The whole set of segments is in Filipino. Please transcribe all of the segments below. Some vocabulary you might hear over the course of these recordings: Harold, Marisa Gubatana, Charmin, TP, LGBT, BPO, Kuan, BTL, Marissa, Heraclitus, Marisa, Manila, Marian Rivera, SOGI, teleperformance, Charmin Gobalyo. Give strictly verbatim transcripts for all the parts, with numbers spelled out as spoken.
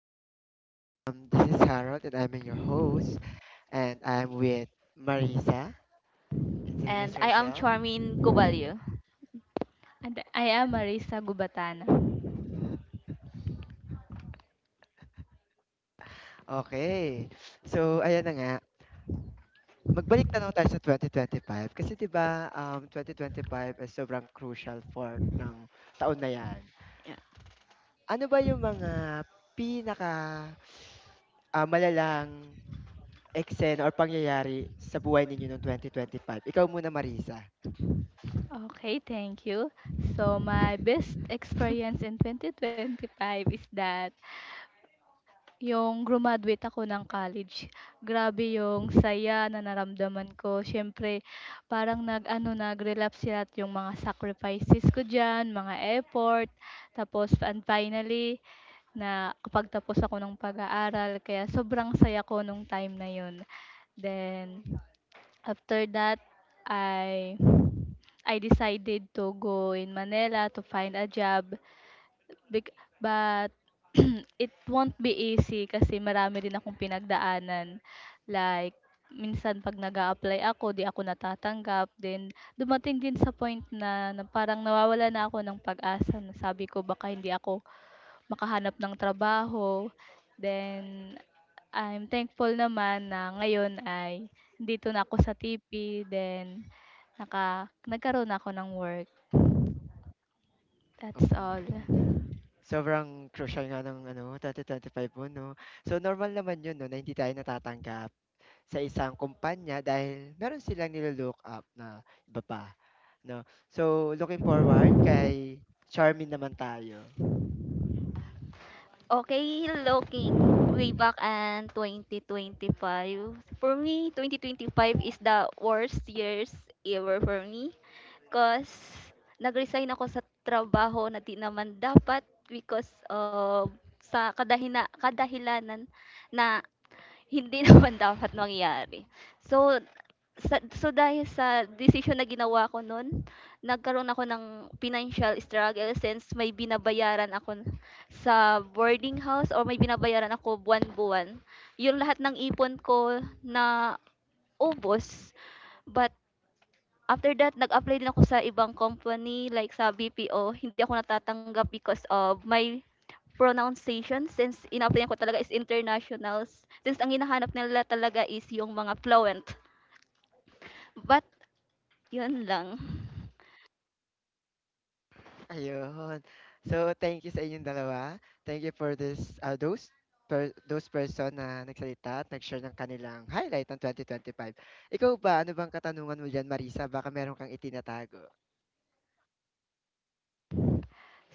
everyone. Um, this is Harold, and I'm your host, and I'm with Marisa. Introduce And I am yourself. Charmin Gobalyo. And I am Marisa Gubatana. Okay. So, ayan na nga. Magbalik tanaw tayo sa twenty twenty-five kasi 'di ba, um twenty twenty-five ay sobrang crucial for ng taon na 'yan. Yeah. Ano ba yung mga pinaka ah, malalang eksena or pangyayari sa buhay ninyo noong twenty twenty-five? Ikaw muna, Marisa. Okay, thank you. So, my best experience in twenty twenty-five is that yung graduate ako ng college. Grabe yung saya na naramdaman ko. Siyempre, parang nag, ano, nag-relapse lahat yung mga sacrifices ko dyan, mga effort. Tapos, and finally, na kapag tapos ako ng pag-aaral. Kaya, sobrang saya ko nung time na yun. Then, after that, I I decided to go in Manila to find a job. Bec- but it won't be easy kasi marami rin akong pinagdaanan. Like, minsan pag nag apply ako, di ako natatanggap. Then, dumating din sa point na, na parang nawawala na ako ng pag-asa. Na sabi ko, baka hindi ako makahanap ng trabaho. Then, I'm thankful naman na ngayon ay dito na ako sa T P. Then, naka nagkaroon ako ng work. That's all. Mm. Sobrang crucial nga ng ano twenty twenty five mo 'no. So normal naman 'yun 'no na hindi tayo natatanggap sa isang kumpanya dahil meron silang nilo-look up na iba pa 'no. So looking forward kay Charmin naman tayo. Okay, looking way back and twenty twenty-five, for me, twenty twenty-five is the worst years ever for me. Because nag-resign ako sa trabaho na di naman dapat because of sa kadahina, kadahilanan na hindi naman dapat mangyari. So, Sa so dahil sa decision na ginawa ko nun, nagkaroon ako ng financial struggle since may binabayaran ako n- sa boarding house or may binabayaran ako buwan-buwan. Yung lahat ng ipon ko na ubos but after that nag-apply din ako sa ibang company like sa B P O, hindi ako natatanggap because of my pronunciation since in-applyan ko talaga is internationals since ang hinahanap nila talaga is yung mga fluent. But yun lang. Ayun. So thank you sa inyong dalawa. Thank you for this, ah, those per those person na nagsalita at nag-share ng kanilang highlight ng five. Ikaw ba, ano bang katanungan mo diyan, Marisa? Baka meron kang itinatago.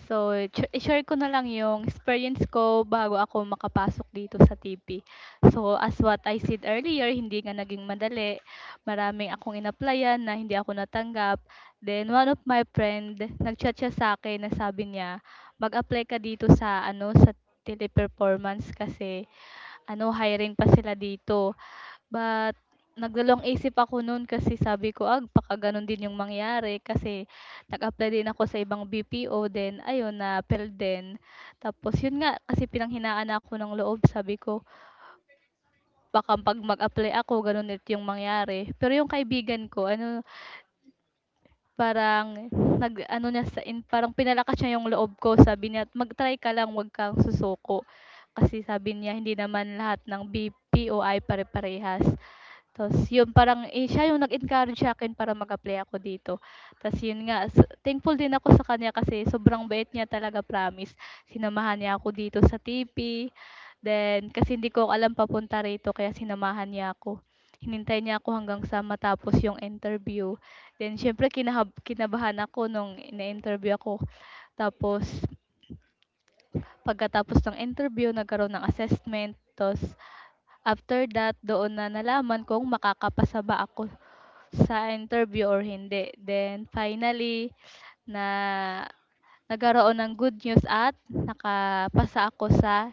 So, i i-share ko na lang yung experience ko bago ako makapasok dito sa T P. So, as what I said earlier, hindi nga naging madali. Maraming akong inaplayan na hindi ako natanggap. Then, one of my friend, nag-chat siya sa akin na sabi niya, mag-apply ka dito sa, ano, sa teleperformance kasi, ano, hiring pa sila dito. But nagdalawang isip ako nun kasi sabi ko, "Ag baka ganun din yung mangyari." Kasi nag-apply din ako sa ibang B P O then ayun na-fail din. Tapos yun nga, kasi pinanghinaan ako ng loob sabi ko, "Baka 'pag mag-apply ako ganun ulit yung mangyari." Pero yung kaibigan ko ano, parang nag-ano niya sa in parang pinalakas niya yung loob ko sabi niya, "Mag-try ka lang, wag kang susuko." Kasi sabi niya, "Hindi naman lahat ng B P O ay pare-parehas." Ta's yun parang, eh, siya yung nag-encourage sa akin para mag-apply ako dito. Ta's yun nga sa thankful din ako sa kanya kasi sobrang bait niya talaga, promise. Sinamahan niya ako dito sa T P, then kasi hindi ko alam papunta rito kaya sinamahan niya ako. Hinintay niya ako hanggang sa matapos yung interview. Then siyempre kinahab kinabahan ako nung na-interview ako. Tapos pagkatapos ng interview nagkaroon ng assessment, ta's after that doon na nalaman kung makakapasa ba ako sa interview or hindi. Then finally na nagkaroon ng good news at nakapasa ako sa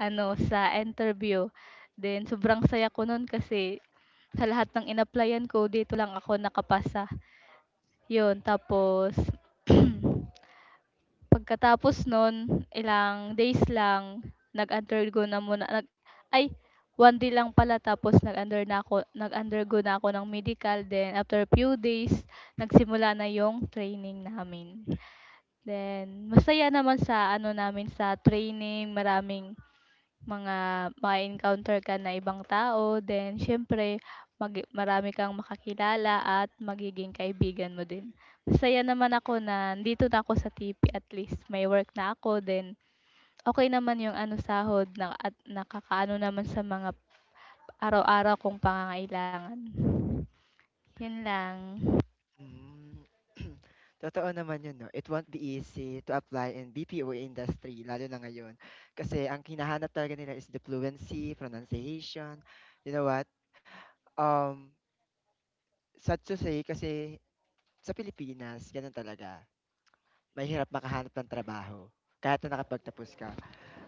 ano, sa interview. Then sobrang saya ko nun kasi sa lahat ng inapplyan ko dito lang ako nakapasa. Yon. Tapos pagkatapos nun ilang days lang nag-undergo na muna. Ay, one day lang pala, tapos nag-under na ako nag-undergo na ako ng medical, then after few days nagsimula na yung training namin. Then masaya naman sa ano namin sa training, maraming mga ma-encounter ka na ibang tao, then siyempre mag- marami kang makakilala at magiging kaibigan mo din. Masaya naman ako na dito na ako sa T P, at least may work na ako, then okay naman yung ano, sahod na at nakakaano naman sa mga araw-araw kong pangangailangan. Yun lang. Hmm. Totoo naman yun 'no. It won't be easy to apply in B P O industry lalo na ngayon. Kasi ang hinahanap talaga nila is the fluency, pronunciation, you know what, um, sad to say kasi sa Pilipinas ganun talaga, mahirap makahanap ng trabaho kahit na nakapagtapos ka.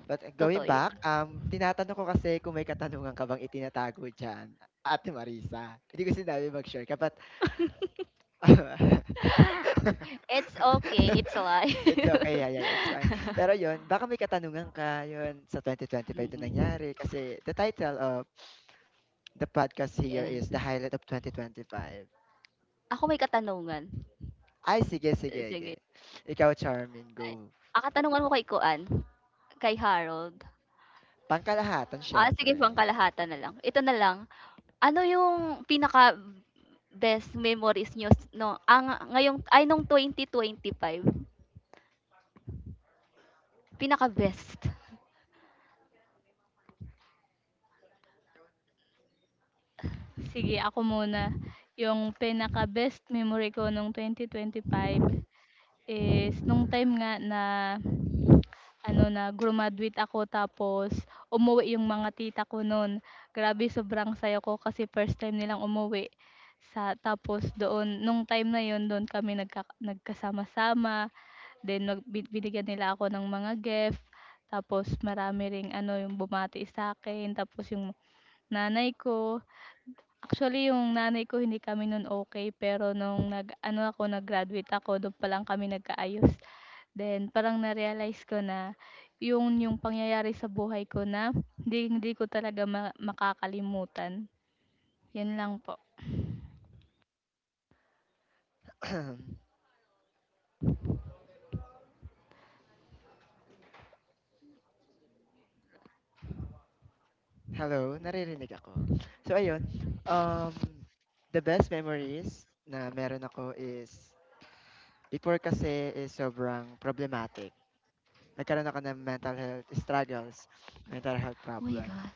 But uh, going Totoo yun. back, um, tinatanong ko kasi kung may katanungan ka bang itinatago diyan, Ate Marisa. Hindi ko sinabi mag-share ka, but It's okay, it's life. it's okay, yeah, yeah, it's fine. Pero yun, baka may katanungan ka yun sa two thousand twenty-five na Mm, nangyari kasi the title of the podcast here is The yes. Highlight of twenty twenty-five. Ako may katanungan. Ay sige, sige, ge. Sige. Ikaw Charmin, Ay, go. ang katanungan ko kay Kuan, kay Harold. Pangkalahatan Ah, siyempre. sige, pangkalahatan na lang. Ito na lang. Ano yung pinaka best memories nyo s- no ang ngayong, ay, nung twenty twenty-five pinaka best. Sige, ako muna. Yung pinaka-best memory ko nung twenty twenty-five is nung time nga na ano, na grumaduate ako tapos umuwi yung mga tita ko noon. Grabe sobrang saya ko kasi first time nilang umuwi. Sa tapos doon nung time na yon doon kami nagka, nagkasama-sama, then nag, binigyan nila ako ng mga gift. Tapos marami ring ano yung bumati sa akin, tapos yung nanay ko. Actually, yung nanay ko hindi kami nun okay pero nung nag-ano ako, nag-graduate ako, dun pa lang kami nagkaayos. Then parang na-realize ko na yung yung pangyayari sa buhay ko na hindi hindi ko talaga ma makakalimutan. Yun lang po. Hello, naririnig ako. So ayun, um, the best memories na meron ako is before kasi is sobrang problematic. Nagkaroon ako ng mental health struggles, mental health Oh my problem. god.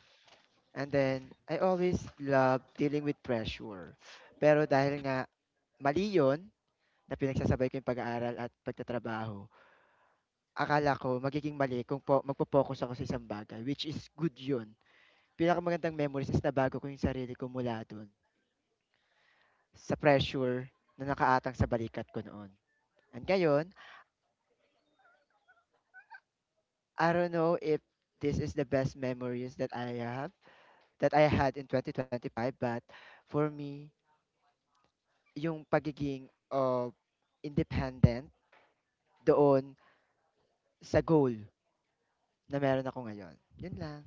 And then, I always love dealing with pressure. Pero dahil nga mali yun, na pinagsasabay ko yung pag-aaral at pagtatrabaho, akala ko magiging mali kung po, magpo-focus ako sa isang bagay, which is good yun. Pinakamagandang memories is nabago ko yung sarili ko mula dun sa pressure na nakaatang sa balikat ko noon. And ngayon, I don't know if this is the best memories that I have, that I had in twenty twenty-five, but for me, yung pagiging of independent doon sa goal na meron ako ngayon. Yun lang.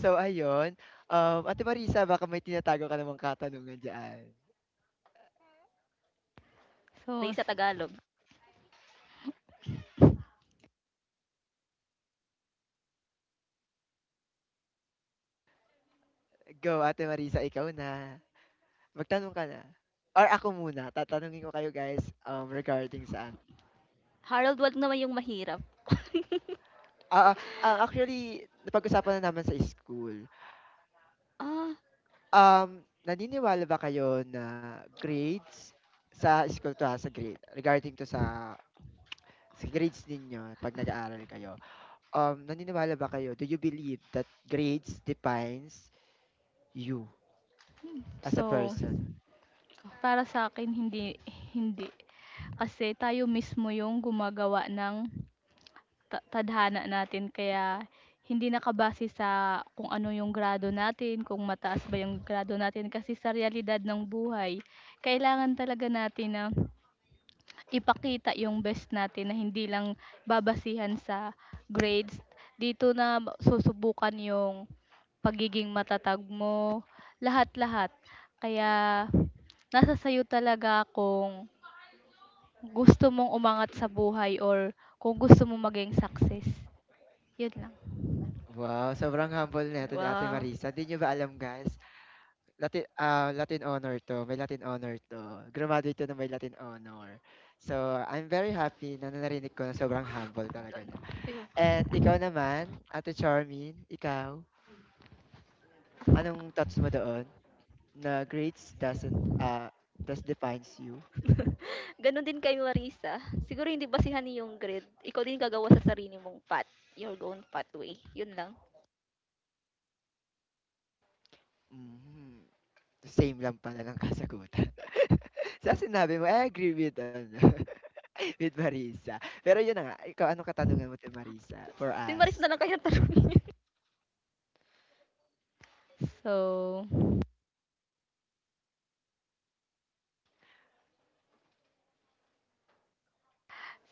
So, ayun. Um, Ate Marisa, baka may tinatago ka namang katanungan dyan. So Sorry s- sa Tagalog. Go, Ate Marisa, ikaw na. Magtanong ka na. Or ako muna. Tatanungin ko kayo guys, um, regarding saan. Harold, wag naman yung mahirap. Ah, ah, ah, actually, napag-usapan na naman sa school. Ah, Um, naniniwala ba kayo na grades sa school to, ha, sa grade, regarding to sa, sa grades ninyo pag nag-aaral kayo, um, naniniwala ba kayo? Do you believe that grades defines you as a so, person? para sa akin, hindi, hindi. Kasi tayo mismo yung gumagawa ng ta tadhana natin, kaya hindi nakabase sa kung ano yung grado natin, kung mataas ba yung grado natin, kasi sa realidad ng buhay kailangan talaga natin na ipakita yung best natin, na hindi lang babasihan sa grades. Dito na ma- susubukan yung pagiging matatag mo, lahat-lahat. Kaya nasa sa'yo talaga kung gusto mong umangat sa buhay or kung gusto mong maging success. Yun lang. Wow, sobrang humble na neto ni Ate wow. Marisa. Hindi nyo ba alam, guys? Latin, ah, Latin honor to. May Latin honor to. Graduate to na may Latin honor. So, I'm very happy na narinig ko na sobrang humble talaga niya. And ikaw naman, Ate Charmin, ikaw, anong thoughts mo doon? Na grades doesn't, ah does defines you? Gano'n din kay Marissa. Siguro hindi basehan yung grade. Ikaw din gagawa sa sarili mong path. Your own pathway. Yun lang. Mhm. Same lang pala ng kasagutan. Sa sinabi mo, I agree with ano, with Marisa. Pero yun na nga, ikaw anong katanungan mo kay Marisa for Si Marissa us? na lang kaya tanungin. So,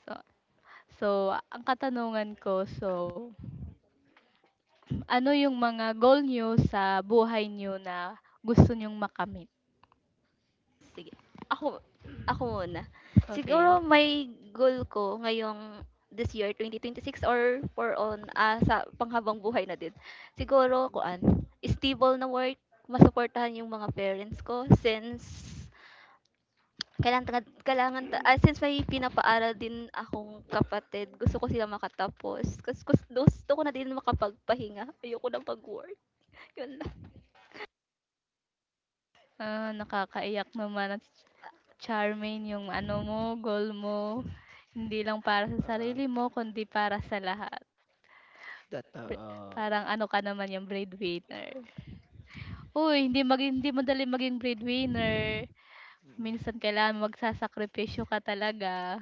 so, so ang katanungan ko, so, ano yung mga goal niyo sa buhay niyo na gusto niyong makamit? Sige. Ako, ako muna. Okay. Siguro may goal ko ngayong this year, twenty twenty-six or for on ah, sa panghabang buhay na din. Siguro, kuan, stable na work, masuportahan yung mga parents ko since Kailangan tagad kailangan ta ah, since may pinapaaral din akong kapatid, gusto ko sila makatapos. Kasi gus gusto ko na din makapagpahinga. Ayoko na mag-work, yun lang. Ah, nakakaiyak naman at charming yung ano mo, goal mo. Hindi lang para sa Oo, sarili mo kundi para sa lahat. Bre totoo. Parang ano ka naman yung breadwinner. Uy, hindi maging hindi madali maging breadwinner. Mm. Minsan kailangan magsasakripisyo ka talaga.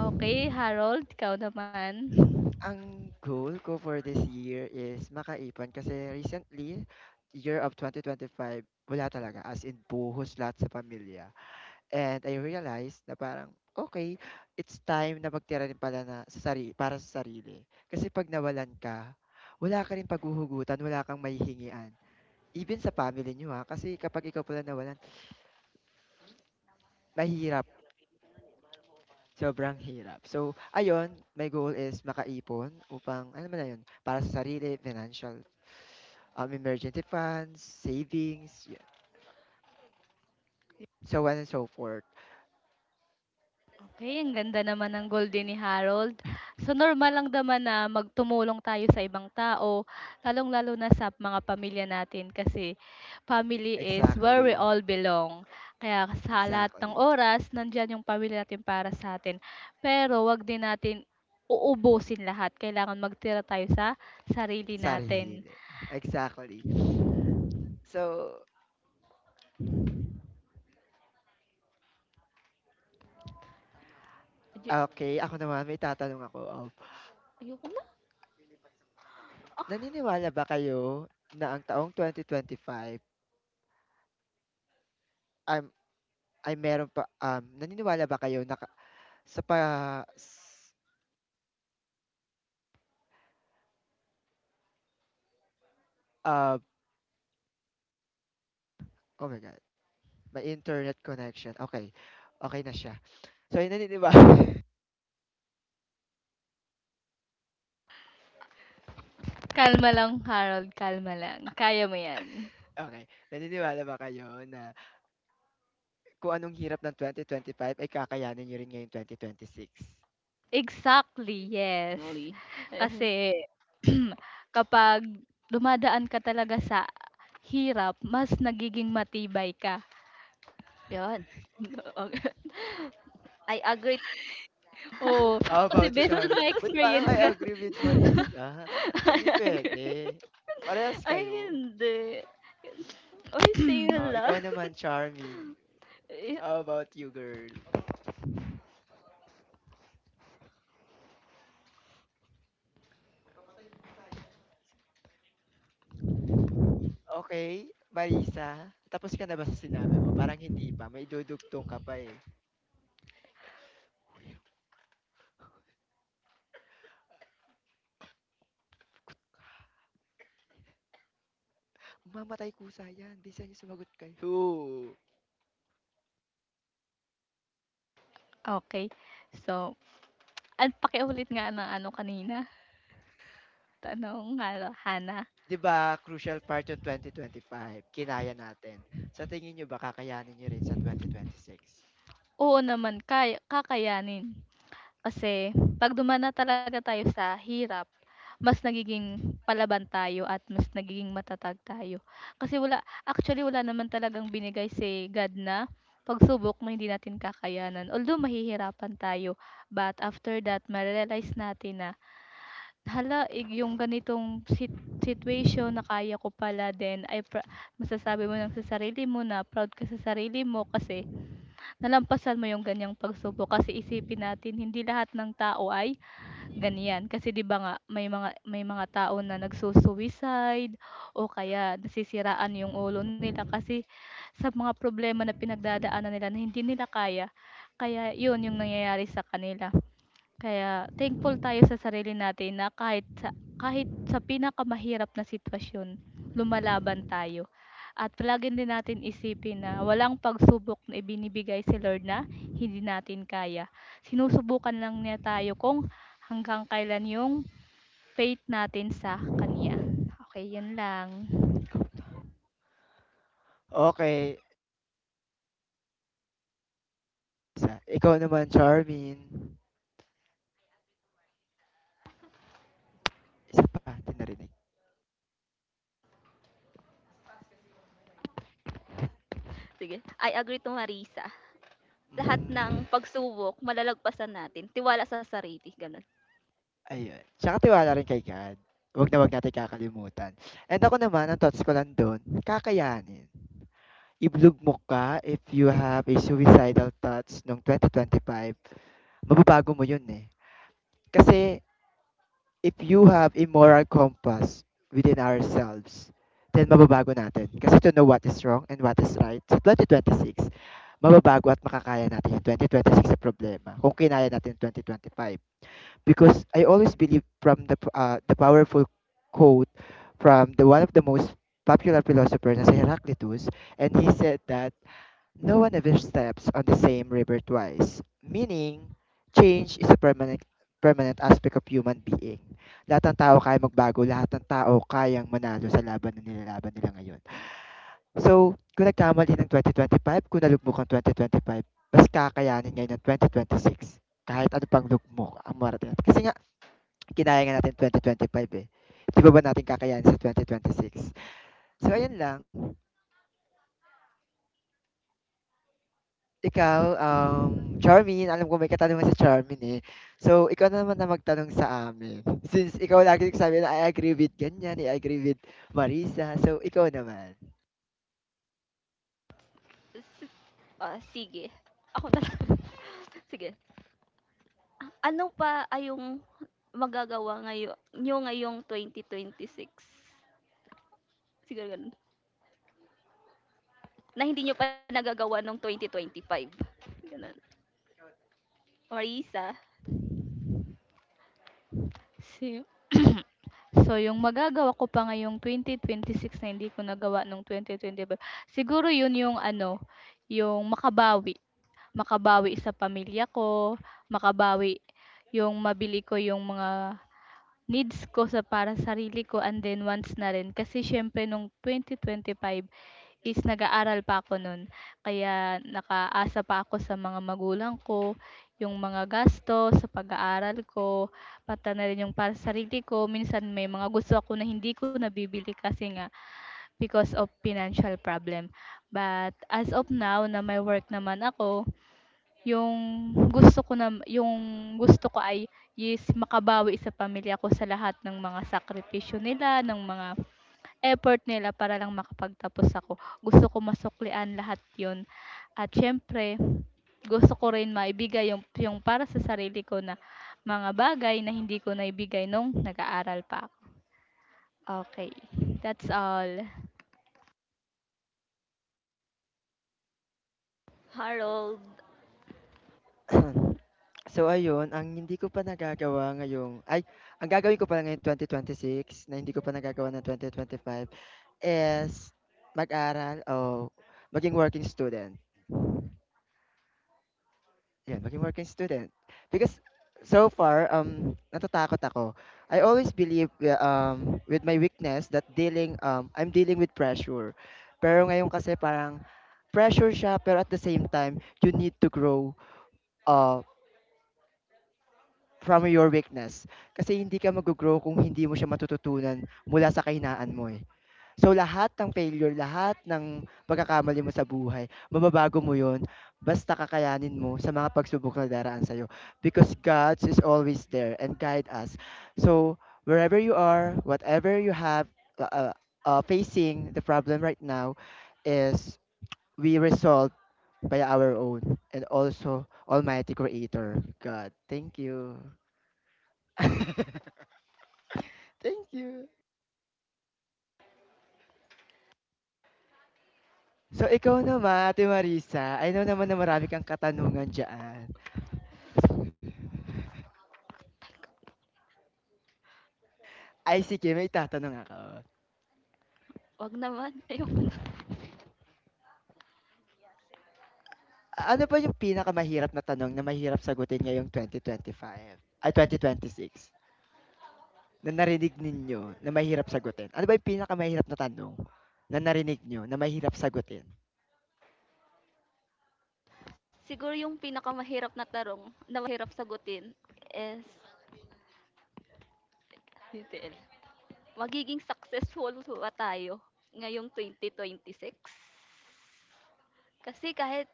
Okay Harold, ikaw naman. Ang goal ko for this year is makaipon kasi recently, year of twenty twenty-five, wala talaga. As in, buhos lahat sa pamilya. And I realized na parang, okay, it's time na magtira rin pala na sa sari para sa sarili. Kasi 'pag nawalan ka, wala ka ring paghuhugutan, wala kang mahihingian. Even sa family niyo, ha, kasi kapag ikaw pala nawalan, mahirap, sobrang hirap. So, ayun, my goal is makaipon upang alam mo na yun, para sa sarili, financial, um, emergency funds, savings, yan, so on and so forth. Okey, ang ganda naman ng golden ni Harold. So, normal lang naman na magtumulong tayo sa ibang tao, lalong-lalo na sa mga pamilya natin kasi family is where we Exactly, all belong. Kaya sa lahat ng exactly. oras, nandiyan yung pamilya natin para sa atin. Pero 'wag din natin uubusin lahat, kailangan magtira tayo sa sarili Sarili, natin. exactly. So, Ay, okay, ako naman may itatanong ako, um, ayoko na. naniniwala ba kayo na ang taong twenty twenty-five um, ay meron pa, um, naniniwala ba kayo na ka sa pa s ah, oh my God, may internet connection, okay, okay na siya. So ay naniniwa Kalma lang Harold, kalma lang, kaya mo 'yan. okey, naniniwala ba kayo na kung anong hirap ng twenty twenty-five ay kakayanin niyo rin ngayong twenty twenty-six? Exactly, yes. Sorry. Kasi kapag dumadaan ka talaga sa hirap, mas nagiging matibay ka. Eh, yun. Oo, I agree. Oo, How kasi about you, based on Charm? my But parang experience I ga agree with Marissa, hindi I agree. puwede, parehas Ay, kayo. hindi. Uy, same Oh, lang. ikaw naman, Charmin. How about you, girl? Okay, Marisa, tapos ka na ba sa sinabi mo? Parang hindi pa, may dudugtong ka pa eh. Mamatay kusa yan, bisa niyo sumagot kayo. True. Okay, so, an pakiulit nga ng ano kanina, tanong nga, hana. 'Di ba crucial part yung twenty twenty-five, kinaya natin. Sa tingin niyo ba kakayanin niyo rin sa twenty twenty-six? Oo naman, kaya kakayanin. Kasi 'pag dumaan na talaga tayo sa hirap, mas nagiging palaban tayo at mas nagiging matatag tayo. Kasi wala actually wala naman talagang binigay si God na pagsubok na hindi natin kakayanan. Although mahihirapan tayo, but after that mare-realize natin na, "Hala, eh, yung ganitong sit situation na kaya ko pala." Then ay, pra masasabi mo ng sa sarili mo na proud ka sa sarili mo kasi nalampasan mo yung ganiyang pagsubok. Kasi isipin natin hindi lahat ng tao ay ganyan. Kasi 'di ba nga, may mga may mga tao na nagsusuicide o kaya nasisiraan yung ulo nila kasi sa mga problema na pinagdadaanan nila na hindi nila kaya. Kaya yun yung nangyayari sa kanila. Kaya thankful tayo sa sarili natin na kahit sa kahit sa pinakamahirap na sitwasyon, lumalaban tayo. At palagi din natin isipin na walang pagsubok na ibinibigay si Lord na hindi natin kaya. Sinusubukan lang niya tayo kung hanggang kailan yung faith natin sa Kanya. Okay, yun lang. Okay, isa. Ikaw naman, Charmin. Isa pa, di narinig. Sige, I agree to Marisa. Lahat Mm. ng pagsubok malalagpasan natin. Tiwala sa sarili, ganun. Ayun, tsaka tiwala rin kay God. Huwag na huwag natin kakalimutan. And ako naman, ang thoughts ko lang dun, kakayanin. I-vlog mo ka if you have a suicidal thoughts noong twenty twenty-five. Mababago mo yun eh. Kasi if you have a moral compass within ourselves, then mababago natin. Kasi to know what is wrong and what is right, sa twenty twenty-six, mababago at makakaya natin yung twenty twenty-six sa problema kung kinaya natin yung twenty twenty-five, because I always believe from the p- uh, the powerful quote from the one of the most popular philosophers, na si Heraclitus, and he said that no one ever steps on the same river twice, meaning change is a permanent permanent aspect of human being. Lahat ng tao kaya magbago, lahat ng tao kayang manalo sa laban na nilalaban nila ngayon. So, kung nagkamali ng twenty twenty five, kung nalugmok ang twenty twenty-five, mas kakayanin ngayon ng six kahit ano pang lugmok ang marating natin. Kasi nga, kinaya nga natin twenty twenty-five, eh. 'Di pa ba natin kakayanin sa twenty twenty-six? So ayun lang. Ikaw, um, Charmaine, alam ko may katanungan si Charmaine, eh. So ikaw na naman na magtanong sa amin. Since ikaw lagi nagsabi na, "I agree with ganyan, I agree with Marisa." So ikaw naman. S- Ah, sige. Ako na lang. Sige. Ano pa ay yung magagawa ngayon niyo ngayong twenty twenty-six? Siguro ganun. Na hindi nyo pa nagagawa nung twenty twenty-five, ganun. Marissa, Si So, yung magagawa ko pa ngayong twenty twenty-six na hindi ko nagawa nung twenty twenty-five, siguro yun yung ano, yung makabawi, makabawi sa pamilya ko, makabawi yung mabili ko yung mga needs ko sa para sa sarili ko, and then wants na rin. Kasi siyempre nung twenty twenty-five is nag-aaral pa ako nun. Kaya nakaasa pa ako sa mga magulang ko, yung mga gasto sa pag-aaral ko, pata na rin yung para sa sarili ko. Minsan may mga gusto ako na hindi ko nabibili kasi nga because of financial problem. But as of now na may work naman ako, yung gusto ko nam yung gusto ko ay is makabawi sa pamilya ko sa lahat ng mga sakripisyo nila, ng mga effort nila para lang makapagtapos ako. Gusto ko masuklian lahat yon, at siyempre gusto ko rin maibigay yung yung para sa sarili ko na mga bagay na hindi ko naibigay nung nag-aaral pa. Okay, that's all. Harold, So ayun, ang hindi ko pa nagagawa ngayong ay, ang gagawin ko pala ngayong twenty twenty-six na hindi ko pa nagagawa ng twenty twenty-five is mag-aral o maging working student. Yan, maging working student. Because so far, um, natatakot ako. I always believe uh, um, with my weakness that dealing, um, I'm dealing with pressure. Pero ngayon kasi parang pressure siya, pero at the same time, you need to grow uh, from your weakness. Kasi hindi ka mag-grow kung hindi mo siya matututunan mula sa kahinaan mo eh. So, lahat ng failure, lahat ng pagkakamali mo sa buhay, mababago mo 'yun basta kakayanin mo sa mga pagsubok na daraan sa'yo because God is always there and guide us. So, wherever you are, whatever you have uh, uh, uh, facing the problem right now is we resolve by our own and also Almighty Creator, God. Thank you. Thank you. So, ikaw naman, Ate Marisa, I know naman na marami kang katanungan dyan. Ay sige, may itatanong ako. A- 'wag naman, ayoko na. Ano ba yung pinakamahirap na tanong na mahirap sagutin ngayong twenty twenty-five, ay twenty twenty-six, na narinig ninyo na mahirap sagutin? Ano ba yung pinakamahirap na tanong na narinig nyo, na mahirap sagutin? Siguro yung pinakamahirap na tarong, na mahirap sagutin is B T L. Magiging successful ba tayo ngayong twenty twenty-six? Kasi kahit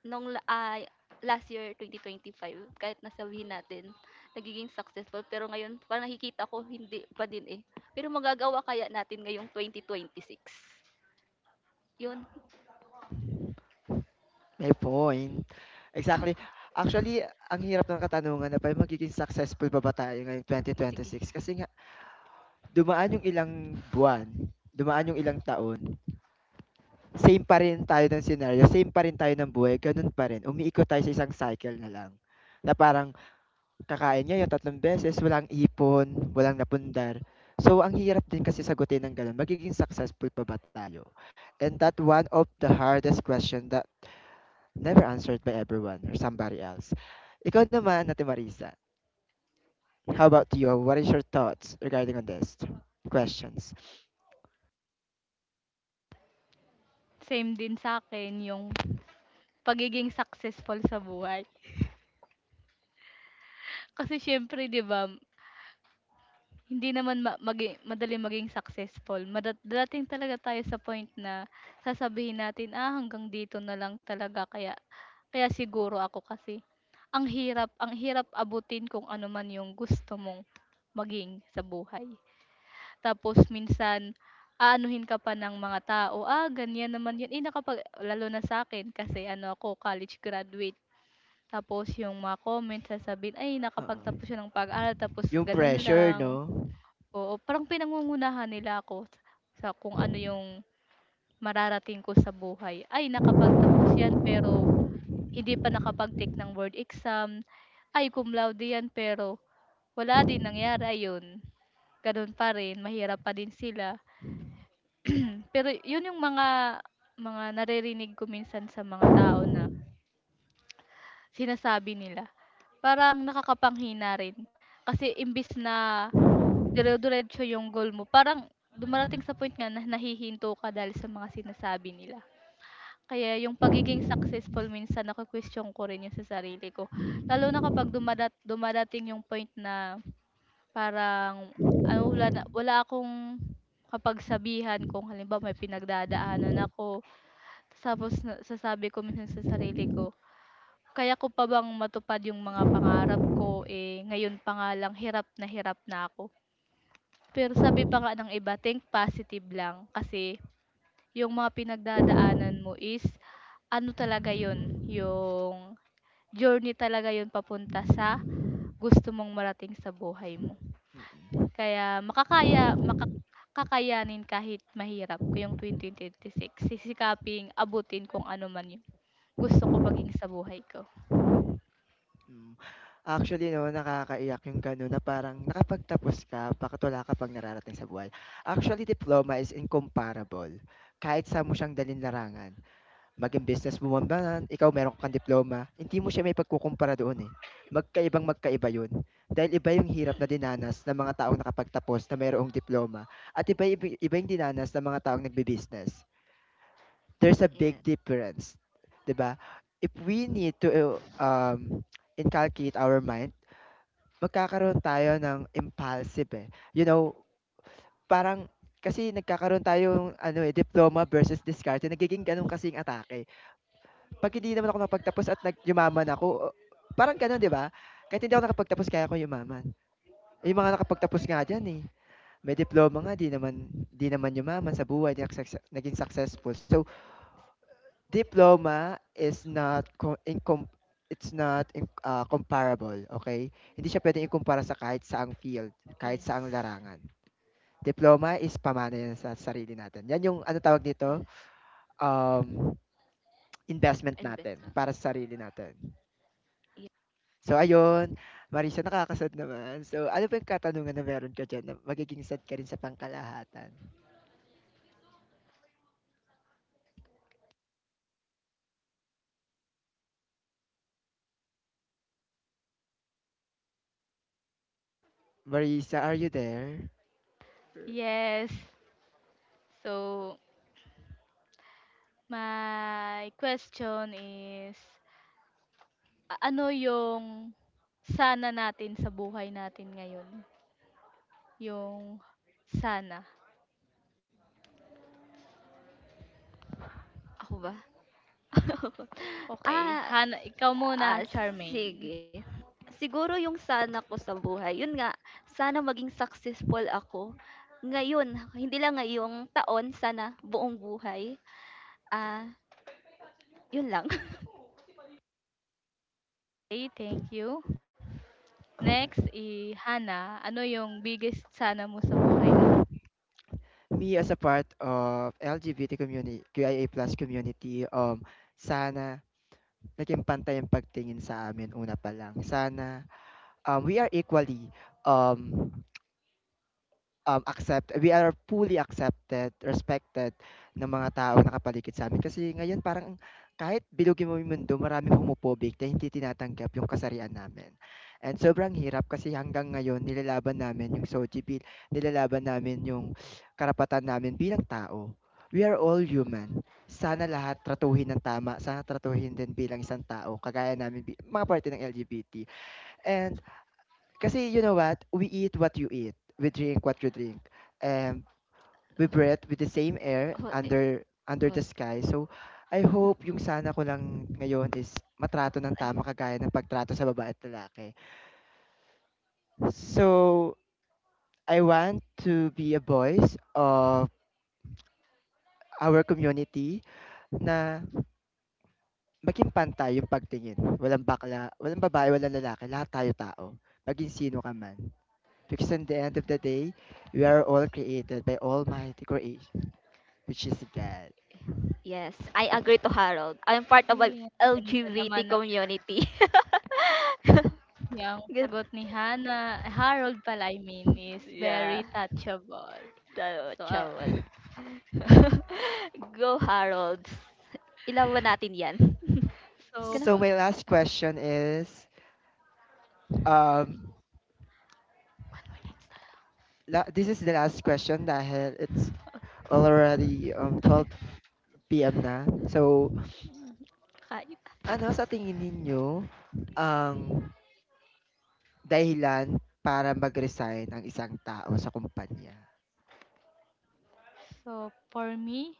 Nung la ah, last year twenty twenty-five kahit na sabihin natin nagiging successful, pero ngayon parang nakikita ko hindi pa din, eh. Pero magagawa kaya natin ngayong twenty twenty-six? 'Yun, May point. Exactly. Actually, ang hirap ng katanungan na ba magiging successful ba ba tayo ngayong sige. twenty twenty-six kasi nga dumaan yung ilang buwan, dumaan yung ilang taon. Same pa rin tayo ng senaryo, same pa rin tayo ng buhay, gano'n pa rin, umiikot tayo sa isang cycle na lang. Na parang kakain niya yung tatlong beses, walang ipon, walang napundar. So, ang hirap din kasi sagutin ng gano'n, magiging successful pa ba tayo? And that one of the hardest question that never answered by everyone or somebody else. Ikaw naman, Ate Marisa, how about you? What is your thoughts regarding on this questions? Same din sa akin yung pagiging successful sa buhay. Kasi siyempre 'di ba, hindi naman ma magi madaling maging successful. Mada darating talaga tayo sa point na sasabihin natin, "Ah, hanggang dito na lang talaga kaya kaya siguro ako kasi ang hirap, ang hirap abutin kung ano man yung gusto mong maging sa buhay." Tapos minsan aanuhin ka pa ng mga tao, "Ah, ganyan naman 'yun." Eh, nakapag lalo na sa akin kasi ano ako, college graduate. Tapos yung mga comments sasabihin, "Ay, nakapagtapos Oo. siya ng pag-aaral tapos Yung ganun pressure, lang." no? Oo, parang pinangungunahan nila ako sa sa kung ano yung mararating ko sa buhay. Ay, nakapagtapos yan pero hindi pa nakapag-take ng board exam. Ay, cum laude yan pero wala din nangyari, ayun. Gano'n pa rin, mahirap pa din sila. Pero yun yung mga mga naririnig ko minsan sa mga tao na sinasabi nila. Parang nakakapanghina rin. Kasi imbis na dire-diretso yung goal mo parang dumarating sa point nga na nahihinto ka dahil sa mga sinasabi nila. Kaya yung pagiging successful minsan nako-question ko rin yung sa sarili ko. Lalo na kapag dumadat dumadating yung point na parang ano, wala na wala akong kapagsabihan kung halimbawa may pinagdadaanan ako, tapos na sasabi ko minsan sa sarili ko, kaya ko pa bang matupad yung mga pangarap ko, eh, ngayon pa nga lang hirap na hirap na ako. Pero sabi pa nga ng iba, think positive lang kasi yung mga pinagdadaanan mo is ano talaga yun, yung journey talaga yun papunta sa gusto mong marating sa buhay mo. Kaya makakaya, makakayanin kahit mahirap ko yung six. Sisikaping abutin kung ano man yung gusto ko maging sa buhay ko. Hmm. Actually 'no, nakakaiyak yung gano'n na parang nakapagtapos ka, bakit ka pang nararating sa buhay. Actually, diploma is incomparable. Kahit saan mo siyang dalhin larangan, maging business ba man, ba, ikaw meron kang diploma, hindi mo siya maipagkukumpara doon, eh. Magkaibang magkaiba 'yun. Dahil iba yung hirap na dinanas ng mga taong nakapagtapos na mayroong diploma at iba ibi iba yung dinanas ng mga taong nagbi-business. There's a big Yeah. difference, 'di ba? If we need to, uh, um, inculcate our mind. Magkakaroon tayo ng impulsive, eh. You know, parang kasi nagkakaroon tayo ng ano, eh, diploma versus diskarte, nagiging gano'n kasi yung atake. 'Pag hindi naman ako nakapagtapos at nag ako, o parang gano'n, 'di ba? Kahit hindi ako nakapagtapos kaya ko yumaman. Eh, yung mga nakapagtapos nga diyan, eh, may diploma nga 'di naman 'di naman yumaman sa buhay, 'di nagsakse naging successful. So, diploma is not co incom it's not in ah, comparable, okay. Hindi siya puwedeng ikumpara sa kahit saang field, kahit Yes. saang larangan. Diploma is pamana 'yan sa sarili natin. 'Yan yung ano tawag Yeah. dito, um, investment natin Investment. para sa sarili natin. Yeah. So ayun, Marissa nakaka naman. So ano ba yung katanungan na meron ka diyan na magiging sad ka rin sa pangkalahatan? Marissa, are you there? Yes. So, my question is, a ano yung sana natin sa buhay natin ngayon? Yung sana. Ako ba? Okay Ah, Hana, ikaw muna, Ah, Charmaine. sige. Siguro yung sana ko sa buhay, yun nga, sana maging successful ako ngayon, hindi lang ngayong taon, sana buong buhay. Ah, yun lang. Okey, thank you. Okay. Next, eh, hana, ano yung biggest sana mo sa buhay mo? Me as a part of L G B T communi Q I A plus community, Q I A plus community, um, sana naging pantay ang pagtingin sa amin una pa lang. Sana, um, we are equally, um Um, accept we are fully accepted, respected ng mga tao na nakapaligid sa'min. Kasi ngayon parang kahit bilugin mo yung mundo maraming homophobic na hindi tinatanggap yung kasarian namin. And sobrang hirap kasi hanggang ngayon nilalaban namin yung SOGI bill, nilalaban namin yung karapatan namin bilang tao. We are all human. Sana lahat tratuhin ng tama, sana tratuhin din bilang isang tao kagaya namin bi mga parte ng L G B T. And kasi you know what? We eat what you eat. We drink what you drink. Um, we breathe with the same air Oh, eh, under under God. the sky. So, I hope yung sana ko lang ngayon is matrato ng Ay, tama kagaya ng pagtrato sa babae at lalaki. So, I want to be a voice of our community na maging pantay yung pagtingin. Walang bakla, walang babae, walang lalaki. Lahat tayo tao. Maging sino ka man. Because in the end of the day, we are all created by Almighty creation which is God. yes, I agree to Harold. I'm part of a Okey, ang ganda L G B T naman ng community. yang Good. sagot ni hana, ay Harold pala, I mean, is very Yeah. touchable. Tayo, So, ah, Chawal. Go, Harold. Ilawan natin yan. so Gana. pa So my last question is, um, la this is the last question dahil it's already um twelve p m na. So, Kakain. ano sa tingin ninyo ang dahilan para mag-resign ang isang tao sa kumpanya? So, for me,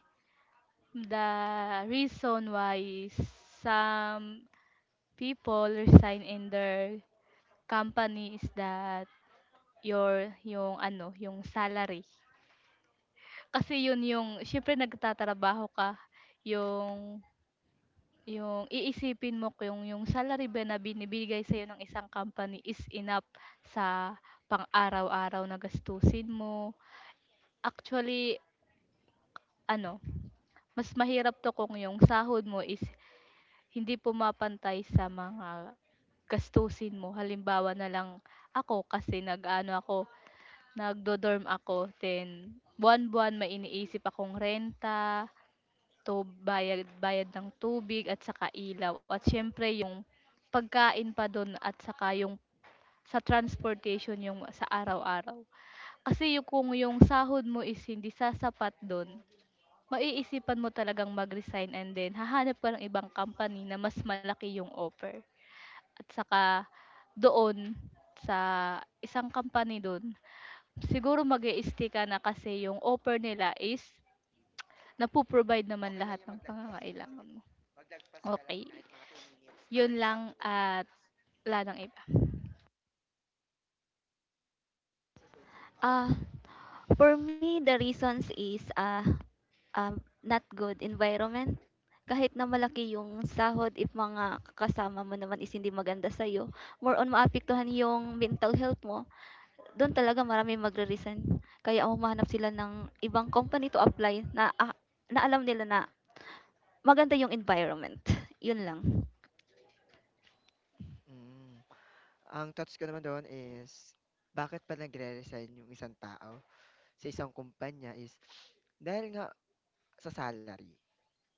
the reason why some people resign in their company is that your yung ano, yung salary. Kasi yun yung syempre nagtatrabaho ka, yung yung iisipin mo ko yung yung salary ba na binibigay sa ng isang company is enough sa pang-araw-araw na gastusin mo. Actually, ano, mas mahirap to kung yung sahod mo is hindi pumapantay sa mga gastusin mo. Halimbawa na lang ako kasi nag-ano ako, nagdo-dorm ako then buwan-buwan may iniisip akong renta, to bayad, bayad ng tubig at saka ilaw, at siyempre yung pagkain pa dun, at saka yung sa transportation yung sa araw-araw. Kasi yung kung yung sahod mo is hindi sasapat dun, maiisipan mo talagang mag-resign and then hahanap ka ng ibang company na mas malaki yung offer. At saka doon sa isang company dun siguro mag stay ka na kasi yung offer nila is nagpo-provide naman lahat ng pangangailangan mo. Okay, yun lang, at wala nang iba. Uh, for me, the reasons is uh, um, not good environment. Kahit na malaki yung sahod, if mga kasama mo naman is hindi maganda sa'yo, more on maapektuhan yung mental health mo, doon talaga marami magre-resign. Kaya humahanap sila ng ibang company to apply na, ah, na alam nila na maganda yung environment. Yun lang. Mm, ang thoughts ko naman doon is, bakit pa nagre-resign yung isang tao sa isang kumpanya is dahil nga sa salary.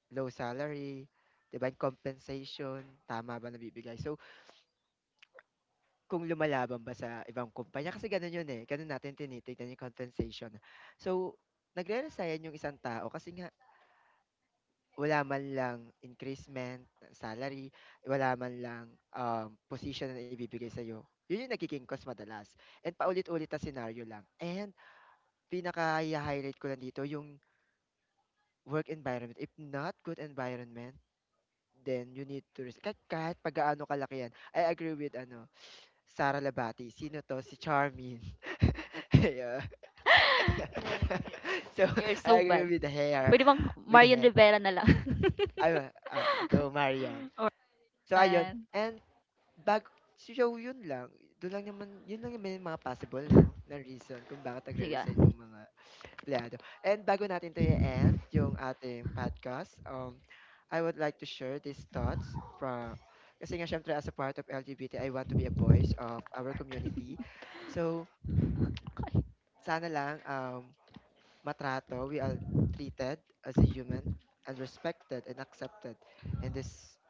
Low salary, 'di ba, yung compensation, tama ba nabibigay. So, kung lumalaban ba sa ibang kumpanya kasi gano'n 'yun, eh, gano'n natin tinitignan yung compensation. So, nagre-resign yung isang tao kasi nga wala man lang increasement ng salary, wala man lang, um, posisyon na ibibigay sa'yo. 'Yun yung nagiging cause madalas and paulit-ulit na scenario lang and pinaka highlight ko lang dito yung work environment, if not good environment. Then you need to res kahit kahit pa kalaki yan. I agree with ano, Sara Labati. Sino 'to? Si Charmin. Yeah. So, You're so I bad. agree with the hair, Pwede bang with the Marian hair. Rivera na lang? Ay, ah, go Marian. So, ayun. Yan. And bago so yun lang. Do'n lang naman yun lang naman yung mga possible 'no, na reason kung bakit nagre-resign Sige. yung mga empleyado. And bago natin to i-end yung ating podcast, um, I would like to share these thoughts from kasi nga syempre as a part of L G B T, I want to be a voice of our community. So, Okay. sana lang um, matrato, we are treated as a human and respected and accepted in this,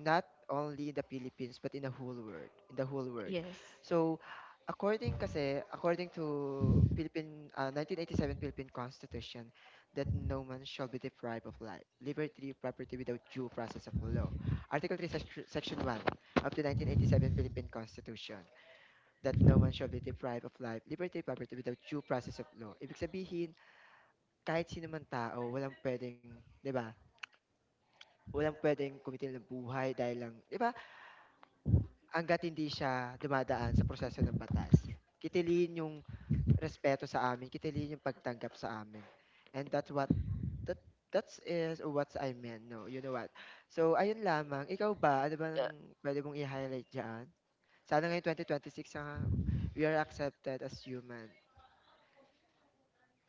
not only in the Philippines but in the whole world, in the whole world. Yes. So according kasi according to Philippine uh, nineteen eighty-seven Philippine Constitution that no man shall be deprived of life liberty property without due process of law, article three sec- section one of the nineteen eighty-seven Philippine Constitution that no man shall be deprived of life liberty property without due process of law. Ibig sabihin, kahit sino man tao walang pwedeng, 'di ba, walang pwedeng kumitil ng buhay dahil lang, 'di ba. Hangga't hindi siya dumadaan sa proseso ng batas, kitiliin yung respeto sa amin, kitiliin yung pagtanggap sa amin. And that's what that that's is what I meant, no? You know what? So, ayun lamang. Ikaw ba? Ano Uh, bang pwede mong i-highlight diyan? Sana ngayong twenty twenty-six, ah, we are accepted as human.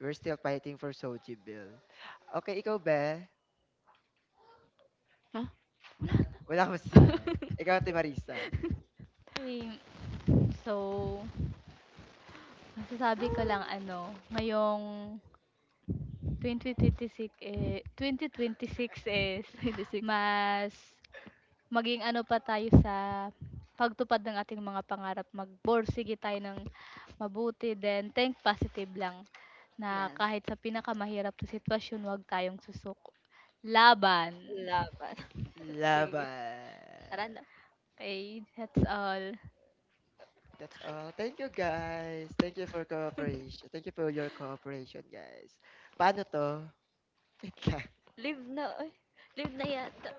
We're still fighting for Soji Bill. Okay, ikaw ba? huh? Wala akong masasabi. Ikaw, Ate Marisa. Okey. So, masasabi ko lang ano, ngayong twenty twenty-six, eh, twenty twenty-six is six. mas maging ano pa tayo sa pagtupad ng ating mga pangarap, magborsige tayo ng mabuti, then think positive lang na Yan. kahit sa pinakamahirap na sitwasyon, 'wag tayong susuko. Laban. Laban, sige. Laban. Tara Laban. na. Okay, that's all. That's all. Thank you guys. Thank you for cooperation. Thank you for your cooperation, guys. Paano to? Wait lang. Live na, oy, live na yata.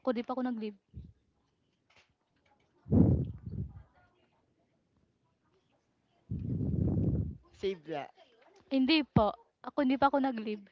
Ako, 'di pa ako nag-leave. Save that. Hindi po, ako hindi pa ako nag-leave.